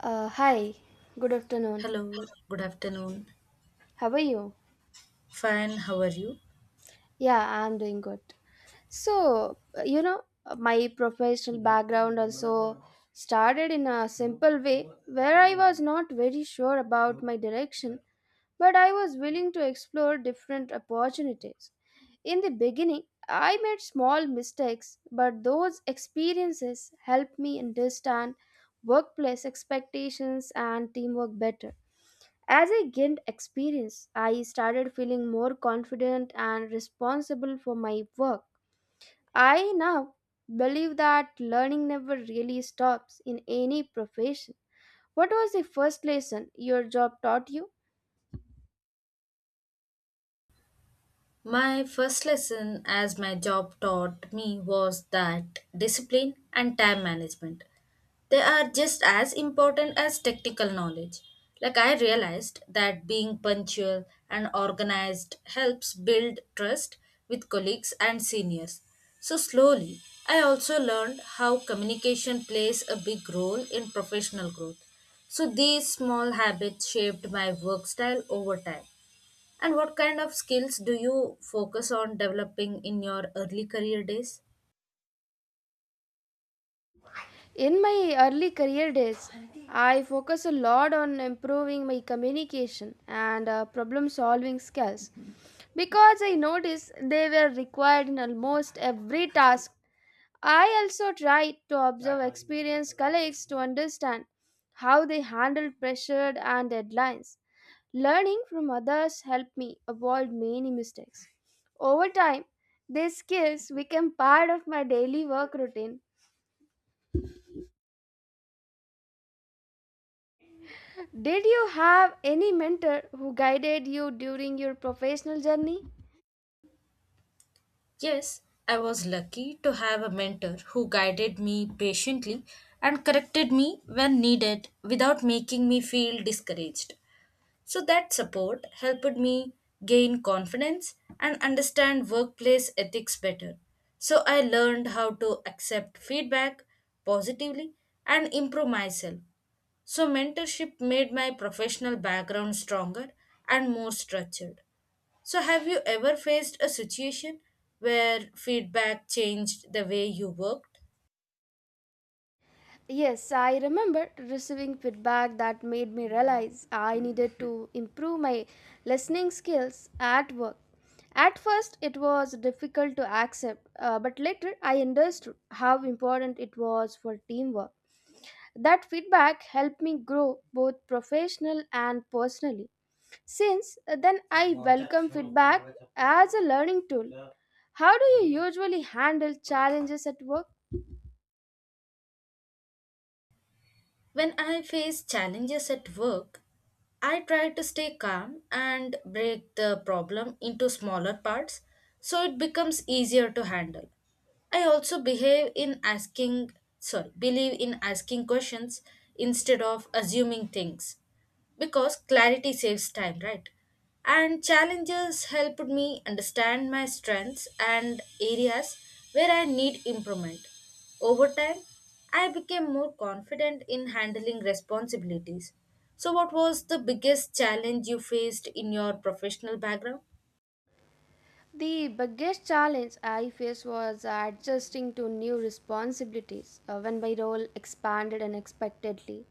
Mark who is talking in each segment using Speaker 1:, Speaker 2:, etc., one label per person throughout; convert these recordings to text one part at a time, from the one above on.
Speaker 1: Hi, good afternoon.
Speaker 2: Hello, good afternoon.
Speaker 1: How are you?
Speaker 2: Fine, how are you?
Speaker 1: Yeah, I'm doing good. My professional background also started in a simple way where I was not very sure about my direction, but I was willing to explore different opportunities. In the beginning, I made small mistakes, but those experiences helped me understand workplace expectations and teamwork better. As I gained experience, I started feeling more confident and responsible for my work. I now believe that learning never really stops in any profession. What was the first lesson your job taught you?
Speaker 2: My first lesson, as my job taught me, was that discipline and time management they are just as important as technical knowledge. Like I realized that being punctual and organized helps build trust with colleagues and seniors. So slowly, I also learned how communication plays a big role in professional growth. So these small habits shaped my work style over time. And what kind of skills do you focus on developing in your early career days?
Speaker 1: In my early career days, I focused a lot on improving my communication and problem solving skills because I noticed they were required in almost every task. I also try to observe experienced colleagues to understand how they handle pressure and deadlines. Learning from others helped me avoid many mistakes. Over time, these skills became part of my daily work routine. Did you have any mentor who guided you during your professional journey?
Speaker 2: Yes, I was lucky to have a mentor who guided me patiently and corrected me when needed without making me feel discouraged. So that support helped me gain confidence and understand workplace ethics better. So I learned how to accept feedback positively and improve myself. So, mentorship made my professional background stronger and more structured. So, have you ever faced a situation where feedback changed the way you worked?
Speaker 1: Yes, I remember receiving feedback that made me realize I needed to improve my listening skills at work. At first, it was difficult to accept, but later I understood how important it was for teamwork. That feedback helped me grow both professional and personally. Since then, I welcome feedback as a learning tool. How do you usually handle challenges at work?
Speaker 2: When I face challenges at work, I try to stay calm and break the problem into smaller parts so it becomes easier to handle. I also behave in asking, sorry, believe in asking questions instead of assuming things, because clarity saves time, right? And challenges helped me understand my strengths and areas where I need improvement. Over time, I became more confident in handling responsibilities. So, what was the biggest challenge you faced in your professional background?
Speaker 1: The biggest challenge I faced was adjusting to new responsibilities when my role expanded unexpectedly.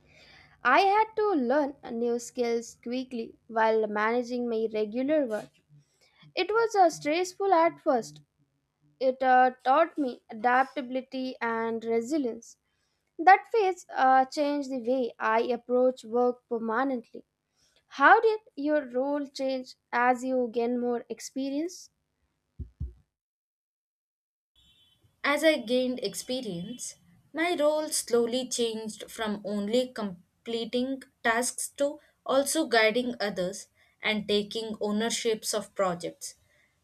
Speaker 1: I had to learn new skills quickly while managing my regular work. It was stressful at first. It taught me adaptability and resilience. That phase changed the way I approach work permanently. How did your role change as you gain more experience?
Speaker 2: As I gained experience, my role slowly changed from only completing tasks to also guiding others and taking ownerships of projects.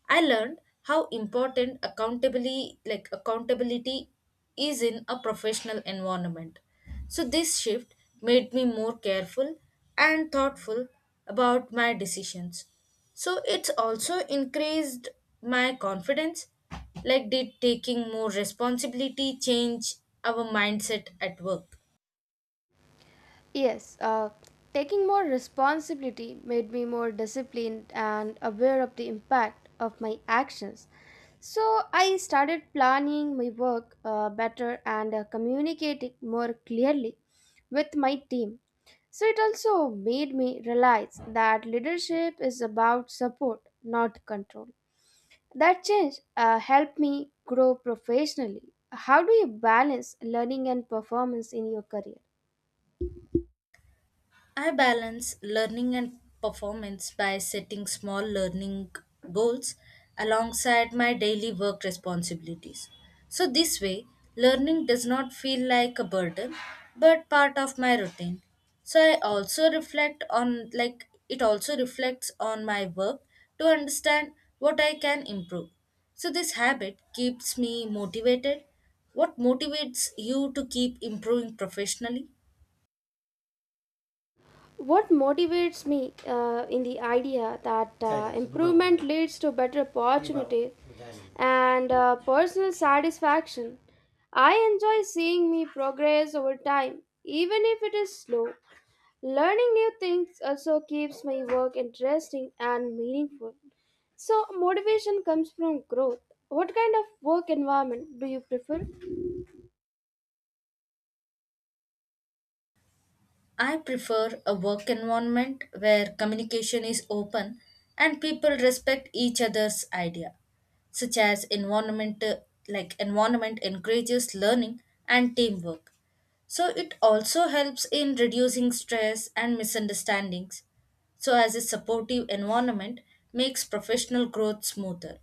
Speaker 2: I learned how important accountability is in a professional environment. So this shift made me more careful and thoughtful about my decisions. So it's also increased my confidence, like, did taking more responsibility change our mindset at work?
Speaker 1: Yes, taking more responsibility made me more disciplined and aware of the impact of my actions. So I started planning my work better and communicating more clearly with my team. So it also made me realize that leadership is about support, not control. That change helped me grow professionally. How do you balance learning and performance in your career?
Speaker 2: I balance learning and performance by setting small learning goals alongside my daily work responsibilities. So, this way, learning does not feel like a burden but part of my routine. So, I also reflects on my work to understand what I can improve. So, this habit keeps me motivated. What motivates you to keep improving professionally?
Speaker 1: What motivates me in the idea that improvement leads to better opportunity and personal satisfaction. I enjoy seeing me progress over time, even if it is slow. Learning new things also keeps my work interesting and meaningful. So, motivation comes from growth. What kind of work environment do you prefer?
Speaker 2: I prefer a work environment where communication is open and people respect each other's idea, such as environment like environment encourages learning and teamwork. So it also helps in reducing stress and misunderstandings. So as a supportive environment makes professional growth smoother.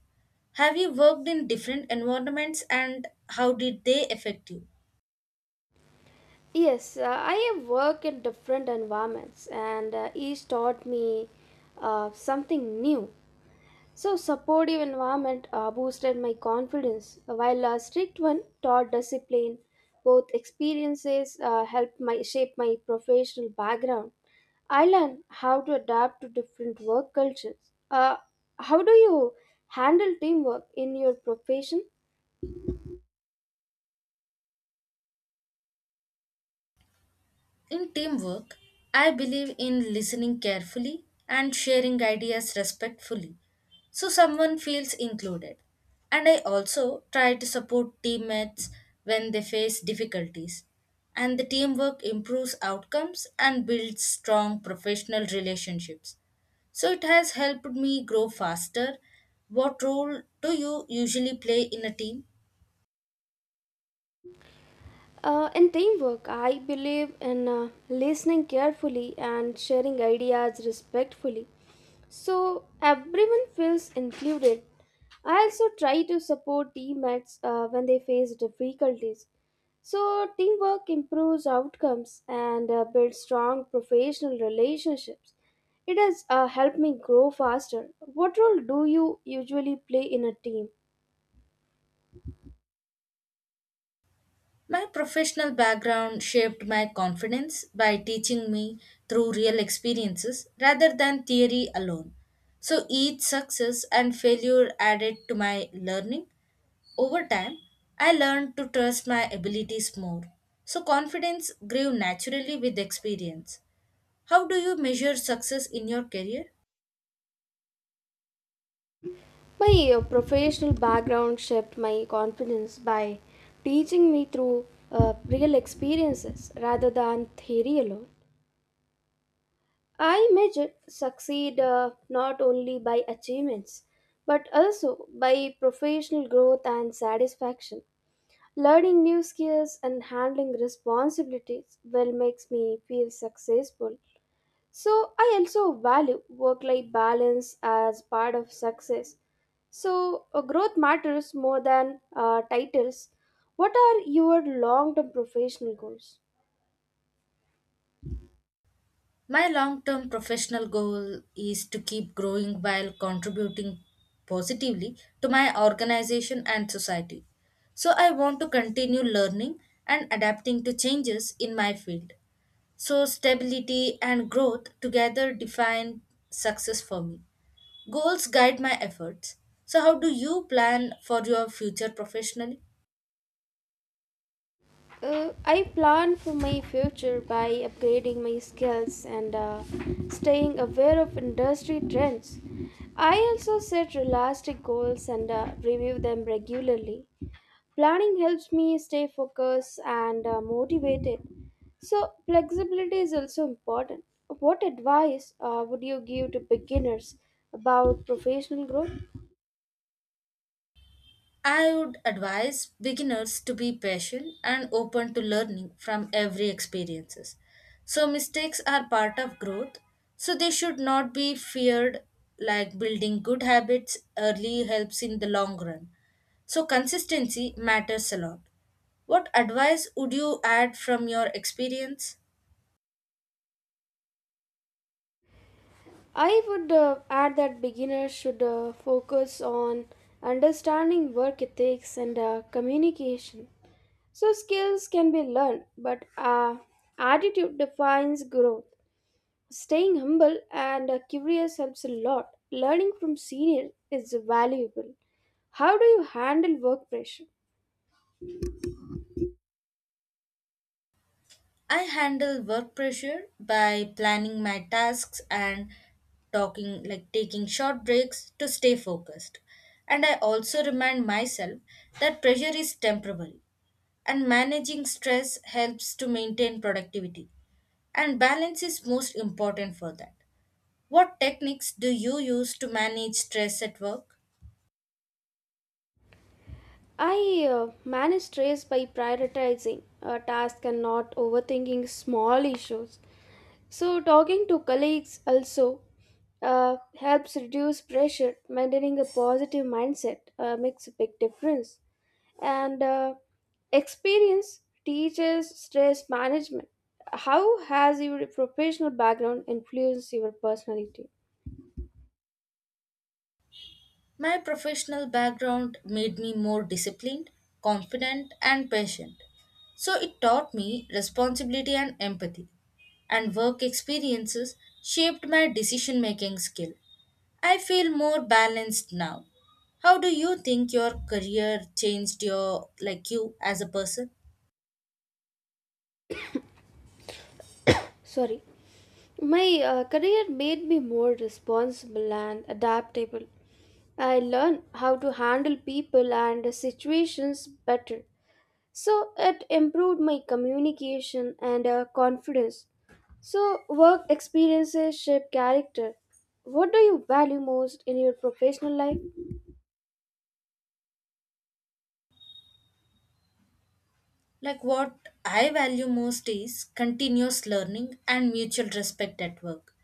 Speaker 2: Have you worked in different environments and how did they affect you?
Speaker 1: Yes, I have worked in different environments, and each taught me something new. So, supportive environment boosted my confidence, while a strict one taught discipline. Both experiences helped my shape my professional background. I learned how to adapt to different work cultures. Uh, how do you handle teamwork in your profession?
Speaker 2: In teamwork, I believe in listening carefully and sharing ideas respectfully so someone feels included. And I also try to support teammates when they face difficulties. And the teamwork improves outcomes and builds strong professional relationships. So it has helped me grow faster. What role do you usually play in a team?
Speaker 1: In teamwork, I believe in listening carefully and sharing ideas respectfully so everyone feels included. I also try to support teammates when they face difficulties. So, teamwork improves outcomes and builds strong professional relationships. It has helped me grow faster. What role do you usually play in a team?
Speaker 2: My professional background shaped my confidence by teaching me through real experiences rather than theory alone. So each success and failure added to my learning. Over time, I learned to trust my abilities more. So confidence grew naturally with experience. How do you measure success in your career?
Speaker 1: My professional background shaped my confidence by teaching me through real experiences rather than theory alone. I measure succeed not only by achievements but also by professional growth and satisfaction. Learning new skills and handling responsibilities well makes me feel successful, so I also value work life balance as part of success. So growth matters more than titles. What are your long term professional goals?
Speaker 2: My long term professional goal is to keep growing while contributing positively to my organization and society. So, I want to continue learning and adapting to changes in my field. So, stability and growth together define success for me. Goals guide my efforts. So, how do you plan for your future professionally?
Speaker 1: I plan for my future by upgrading my skills and staying aware of industry trends. I also set realistic goals and review them regularly. Planning helps me stay focused and motivated. So, flexibility is also important. What advice would you give to beginners about professional growth?
Speaker 2: I would advise beginners to be patient and open to learning from every experiences. So mistakes are part of growth, so they should not be feared, like building good habits early helps in the long run. So consistency matters a lot. What advice would you add from your experience?
Speaker 1: I would add that beginners should focus on understanding work ethics and communication. So, skills can be learned, but attitude defines growth. Staying humble and curious helps a lot. Learning from seniors is valuable. How do you handle work pressure?
Speaker 2: I handle work pressure by planning my tasks and talking like taking short breaks to stay focused. And I also remind myself that pressure is temporary and managing stress helps to maintain productivity. And balance is most important for that. What techniques do you use to manage stress at work?
Speaker 1: I manage stress by prioritizing a task and not overthinking small issues. So, talking to colleagues also helps reduce pressure. Maintaining a positive mindset makes a big difference. And experience teaches stress management. How has your professional background influenced your personality?
Speaker 2: My professional background made me more disciplined, confident, and patient. So it taught me responsibility and empathy. And work experiences shaped my decision making skill. I feel more balanced now. How do you think your career changed you as a person?
Speaker 1: Sorry. My career made me more responsible and adaptable. I learned how to handle people and situations better. So it improved my communication and confidence. So, work experiences shape character. What do you value most in your professional life?
Speaker 2: Like what I value most is continuous learning and mutual respect at work.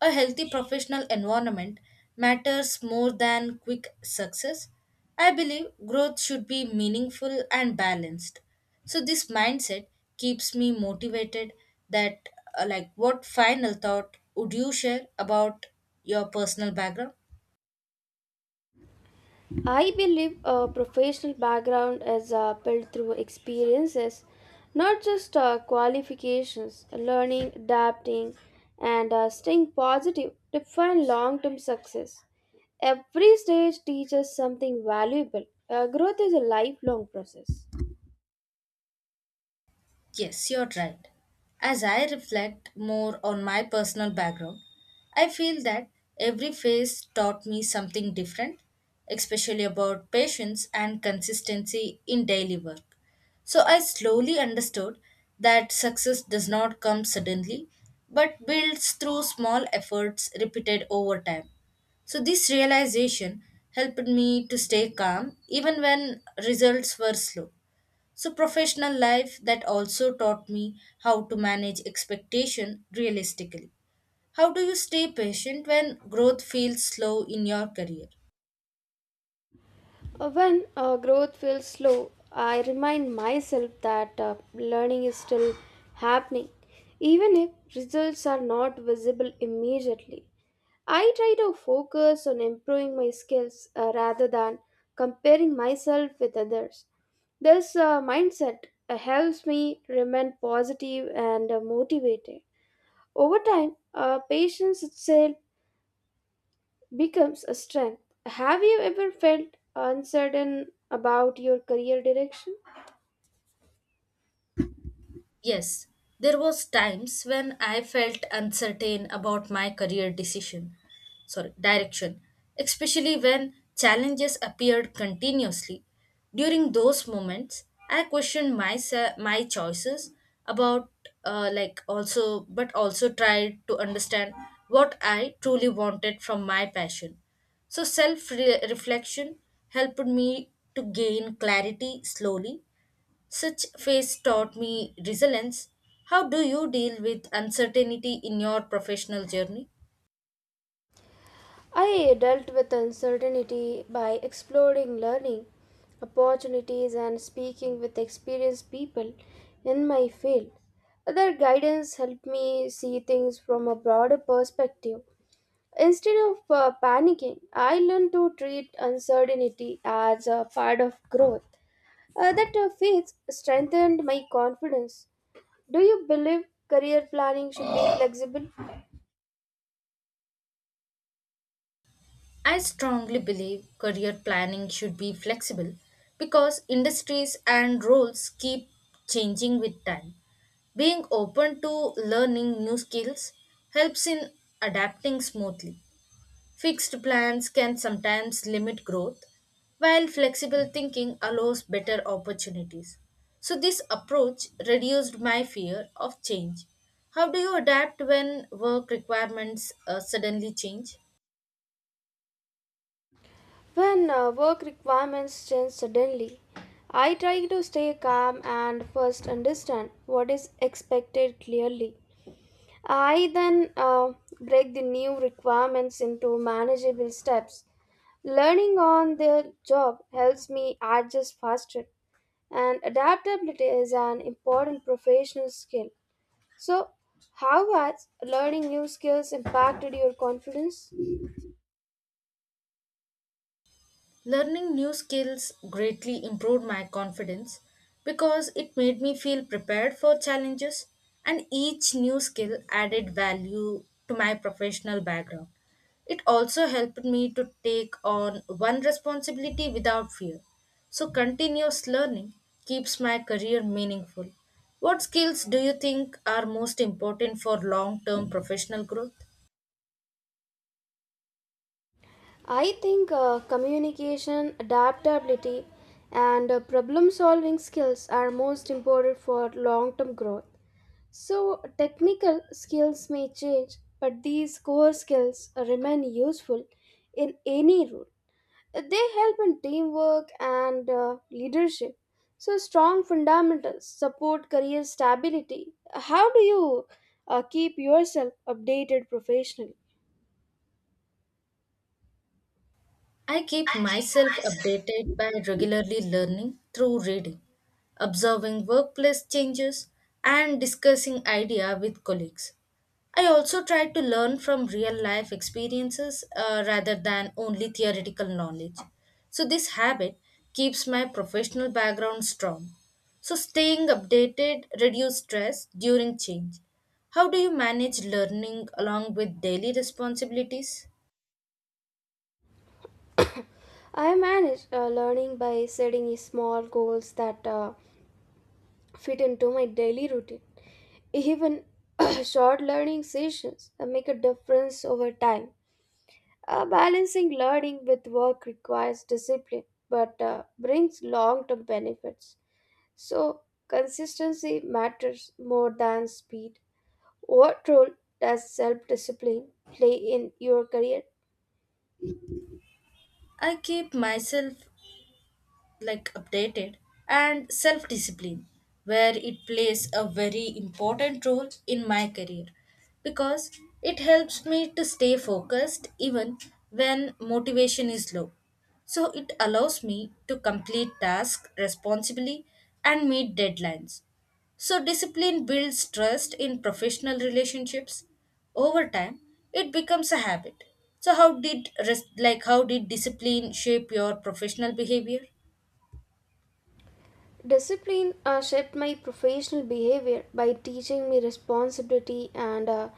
Speaker 2: A healthy professional environment matters more than quick success. I believe growth should be meaningful and balanced. So this mindset keeps me motivated. That uh, like what final thought would you share about your personal background?
Speaker 1: I believe a professional background is built through experiences, not just qualifications. Learning, adapting, and staying positive define long term success. Every stage teaches something valuable. Growth is a lifelong process.
Speaker 2: Yes, you're right. As I reflect more on my personal background, I feel that every phase taught me something different, especially about patience and consistency in daily work. So I slowly understood that success does not come suddenly but builds through small efforts repeated over time. So, this realization helped me to stay calm even when results were slow. So professional life that also taught me how to manage expectation realistically. How do you stay patient when growth feels slow in your career?
Speaker 1: When growth feels slow, I remind myself that learning is still happening, even if results are not visible immediately. I try to focus on improving my skills rather than comparing myself with others. This mindset helps me remain positive and motivated. Over time, patience itself becomes a strength. Have you ever felt uncertain about your career direction?
Speaker 2: Yes, there was times when I felt uncertain about my career direction, especially when challenges appeared continuously. During those moments, I questioned my choices about, also tried to understand what I truly wanted from my passion. So self reflection helped me to gain clarity slowly, such phase taught me resilience. How do you deal with uncertainty in your professional journey?
Speaker 1: I dealt with uncertainty by exploring learning opportunities and speaking with experienced people in my field. Their guidance helped me see things from a broader perspective. Instead of panicking, I learned to treat uncertainty as a part of growth. That faith strengthened my confidence. Do you believe career planning should be flexible?
Speaker 2: I strongly believe career planning should be flexible because industries and roles keep changing with time. Being open to learning new skills helps in adapting smoothly. Fixed plans can sometimes limit growth, while flexible thinking allows better opportunities. So, this approach reduced my fear of change. How do you adapt when work requirements suddenly change?
Speaker 1: When work requirements change suddenly, I try to stay calm and first understand what is expected clearly. I then break the new requirements into manageable steps. Learning on the job helps me adjust faster, and adaptability is an important professional skill. So, how has learning new skills impacted your confidence?
Speaker 2: Learning new skills greatly improved my confidence because it made me feel prepared for challenges, and each new skill added value to my professional background. It also helped me to take on one responsibility without fear. So, continuous learning keeps my career meaningful. What skills do you think are most important for long term professional growth?
Speaker 1: I think communication, adaptability, and problem solving skills are most important for long term growth. So, technical skills may change, but these core skills remain useful in any role. They help in teamwork and leadership. So, strong fundamentals support career stability. How do you keep yourself updated professionally?
Speaker 2: I keep myself updated by regularly learning through reading, observing workplace changes, and discussing idea with colleagues. I also try to learn from real life experiences rather than only theoretical knowledge. So this habit keeps my professional background strong. So staying updated reduces stress during change. How do you manage learning along with daily responsibilities?
Speaker 1: I manage learning by setting small goals that fit into my daily routine. Even short learning sessions make a difference over time. Balancing learning with work requires discipline but brings long term benefits. So, consistency matters more than speed. What role does self discipline play in your career?
Speaker 2: I keep myself like updated and self discipline, where it plays a very important role in my career, because it helps me to stay focused even when motivation is low, so it allows me to complete tasks responsibly and meet deadlines. So discipline builds trust in professional relationships. Over time it becomes a habit. So how did discipline shape your professional behavior?
Speaker 1: Discipline shaped my professional behavior by teaching me responsibility and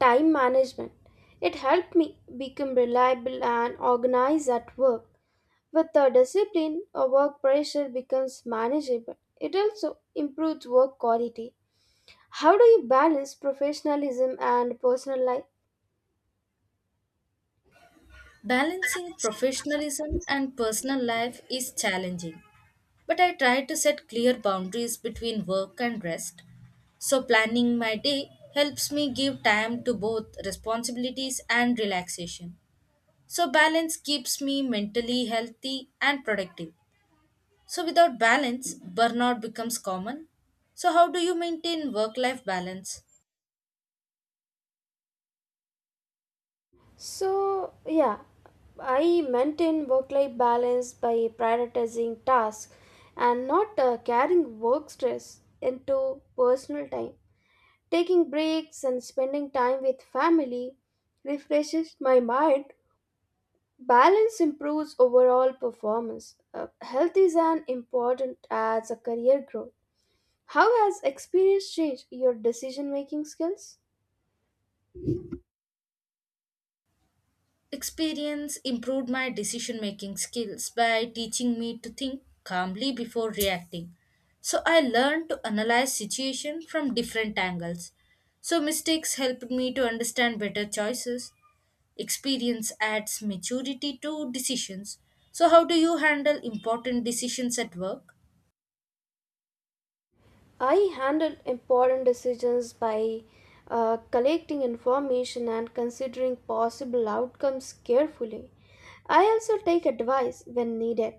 Speaker 1: time management. It helped me become reliable and organized at work. With the discipline, work pressure becomes manageable. It also improves work quality. How do you balance professionalism and personal life?
Speaker 2: Balancing professionalism and personal life is challenging, but I try to set clear boundaries between work and rest. So, planning my day helps me give time to both responsibilities and relaxation. So, balance keeps me mentally healthy and productive. So, without balance, burnout becomes common. So, how do you maintain work life balance?
Speaker 1: So, yeah, I maintain work life balance by prioritizing tasks and not carrying work stress into personal time. Taking breaks and spending time with family refreshes my mind. Balance improves overall performance. Health is an important as a career growth. How has experience changed your decision making skills?
Speaker 2: Experience improved my decision making skills by teaching me to think calmly before reacting. So I learned to analyze situation from different angles. So mistakes helped me to understand better choices. Experience adds maturity to decisions. So how do you handle important decisions at work?
Speaker 1: I handle important decisions by collecting information and considering possible outcomes carefully. I also take advice when needed.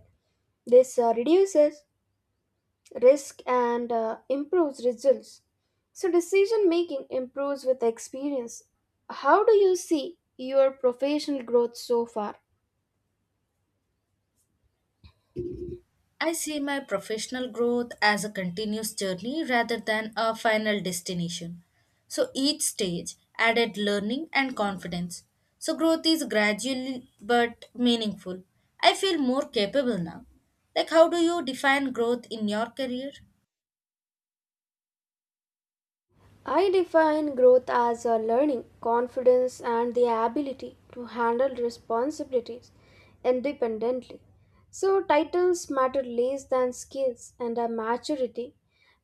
Speaker 1: This reduces risk and improves results. So, decision making improves with experience. How do you see your professional growth so far?
Speaker 2: I see my professional growth as a continuous journey rather than a final destination. So each stage added learning and confidence. So growth is gradual but meaningful. I feel more capable now. Like, how do you define growth in your career?
Speaker 1: I define growth as a learning, confidence, and the ability to handle responsibilities independently. So, titles matter less than skills and a maturity.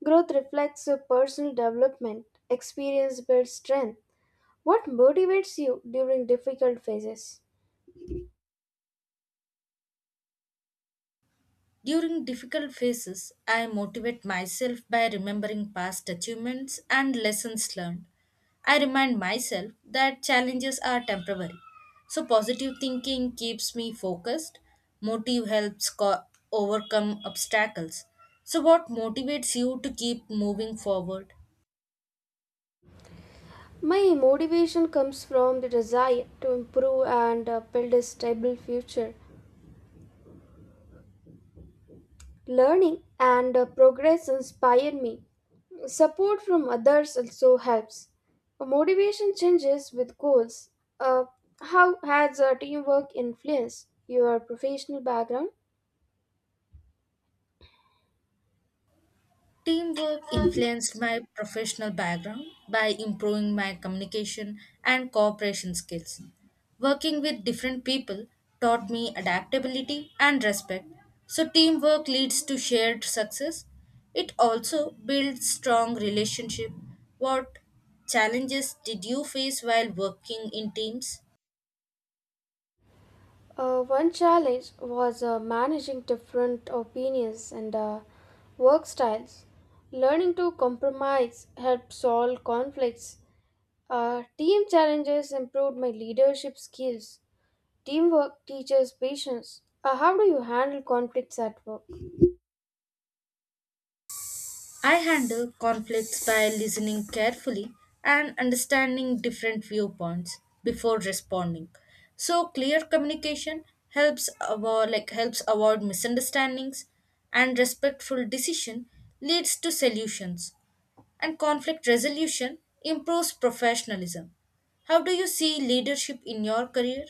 Speaker 1: Growth reflects a personal development, experience builds strength. What motivates you during difficult phases?
Speaker 2: During difficult phases, I motivate myself by remembering past achievements and lessons learned. I remind myself that challenges are temporary. So, positive thinking keeps me focused. Motive helps overcome obstacles. So, what motivates you to keep moving forward?
Speaker 1: My motivation comes from the desire to improve and build a stable future. Learning and progress inspire me. Support from others also helps. Motivation changes with goals. Uh, how has teamwork influenced your professional background?
Speaker 2: Teamwork influenced my professional background by improving my communication and cooperation skills. Working with different people taught me adaptability and respect. So, teamwork leads to shared success. It also builds strong relationship. What challenges did you face while working in teams?
Speaker 1: One challenge was managing different opinions and work styles. Learning to compromise helped solve conflicts. Team challenges improved my leadership skills. Teamwork teaches patience. How do you handle conflicts at work?
Speaker 2: I handle conflicts by listening carefully and understanding different viewpoints before responding. So clear communication helps avoid misunderstandings, and respectful decision leads to solutions, and conflict resolution improves professionalism. How do you see leadership in your career?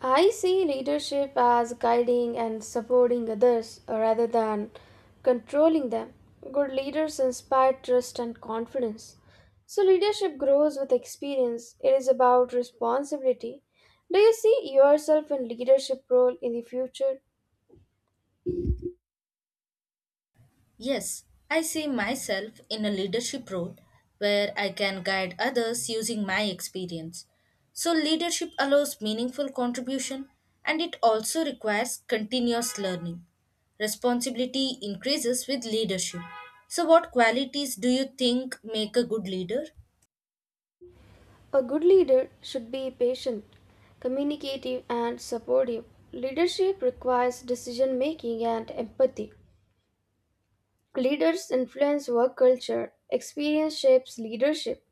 Speaker 1: I see leadership as guiding and supporting others rather than controlling them. Good leaders inspire trust and confidence. So, leadership grows with experience. It is about responsibility. Do you see yourself in leadership role in the future?
Speaker 2: Yes, I see myself in a leadership role where I can guide others using my experience. So, leadership allows meaningful contribution and it also requires continuous learning. Responsibility increases with leadership. So, what qualities do you think make a good leader?
Speaker 1: A good leader should be patient, communicative, and supportive. Leadership requires decision making and empathy. Leaders influence work culture. Experience shapes leadership.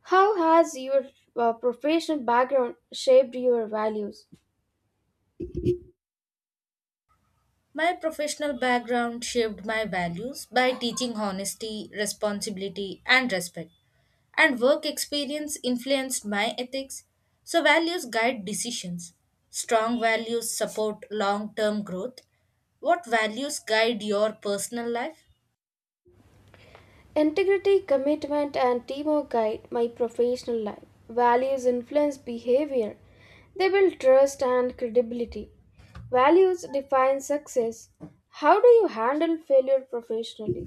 Speaker 1: How has your professional background shaped your values?
Speaker 2: My professional background shaped my values by teaching honesty, responsibility, and respect. And work experience influenced my ethics, so values guide decisions. Strong values support long term growth. What values guide your personal life?
Speaker 1: Integrity, commitment, and teamwork guide my professional life. Values influence behavior. They build trust and credibility. Values define success. How do you handle failure professionally?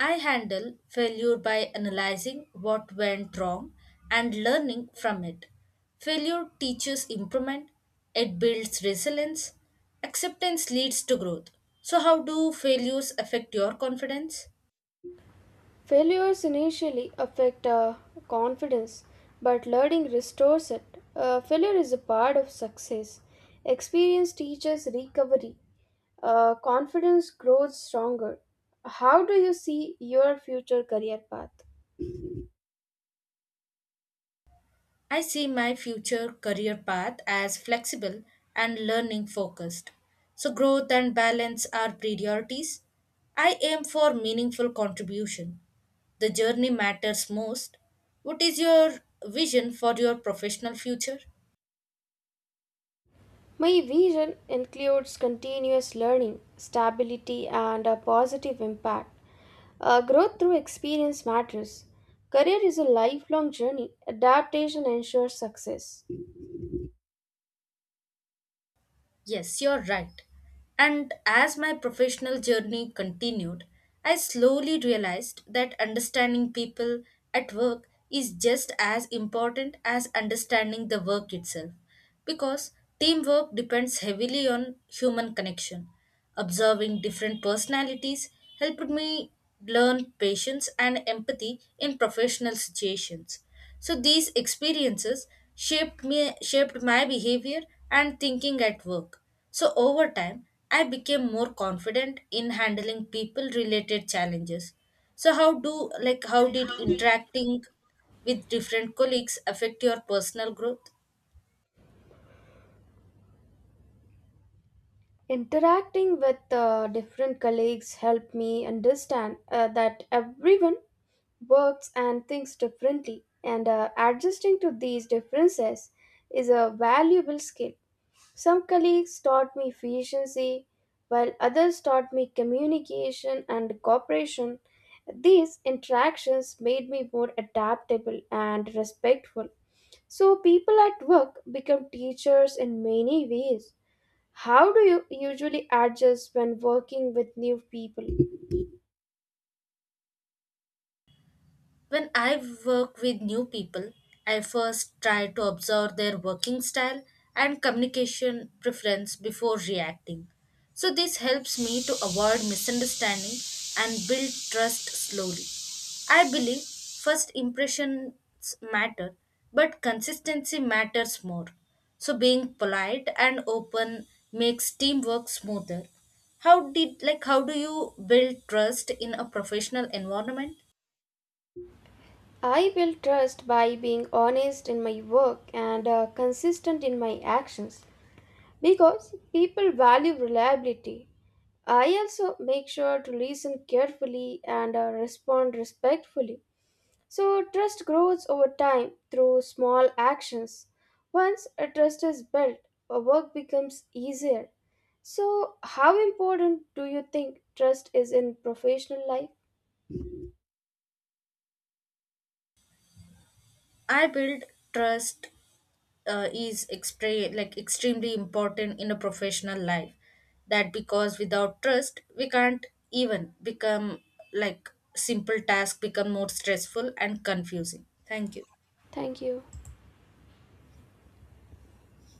Speaker 2: I handle failure by analyzing what went wrong and learning from it. Failure teaches improvement, it builds resilience, acceptance leads to growth. So, how do failures affect your confidence?
Speaker 1: Failures initially affect confidence, but learning restores it. Failure is a part of success. Experience teaches recovery. Confidence grows stronger. How do you see your future career path?
Speaker 2: I see my future career path as flexible and learning focused. So, growth and balance are priorities. I aim for meaningful contribution. The journey matters most. What is your vision for your professional future?
Speaker 1: My vision includes continuous learning, stability, and a positive impact. Growth through experience matters. Career is a lifelong journey. Adaptation ensures success.
Speaker 2: Yes, you're right. And as my professional journey continued, I slowly realized that understanding people at work is just as important as understanding the work itself, because teamwork depends heavily on human connection. Observing different personalities helped me learn patience and empathy in professional situations. So these experiences shaped my behavior and thinking at work. So over time, I became more confident in handling people related challenges. So how do like how did interacting with different colleagues affect your personal growth?
Speaker 1: Interacting with different colleagues helped me understand that everyone works and thinks differently, and adjusting to these differences is a valuable skill. Some colleagues taught me efficiency, while others taught me communication and cooperation. These interactions made me more adaptable and respectful. So, people at work become teachers in many ways. How do you usually adjust when working with new people?
Speaker 2: When I work with new people, I first try to observe their working style and communication preference before reacting. So, this helps me to avoid misunderstanding and build trust slowly. I believe first impressions matter, but consistency matters more. So, being polite and open makes teamwork smoother. How did like how do you build trust in a professional environment?
Speaker 1: I build trust by being honest in my work and consistent in my actions because people value reliability. I also make sure to listen carefully and respond respectfully. So, trust grows over time through small actions. Once a trust is built, a work becomes easier. So, how important do you think trust is in professional life?
Speaker 2: I build trust is extremely important in a professional life. That because without trust, we can't even become, like, simple task become more stressful and confusing. Thank you.
Speaker 1: Thank you.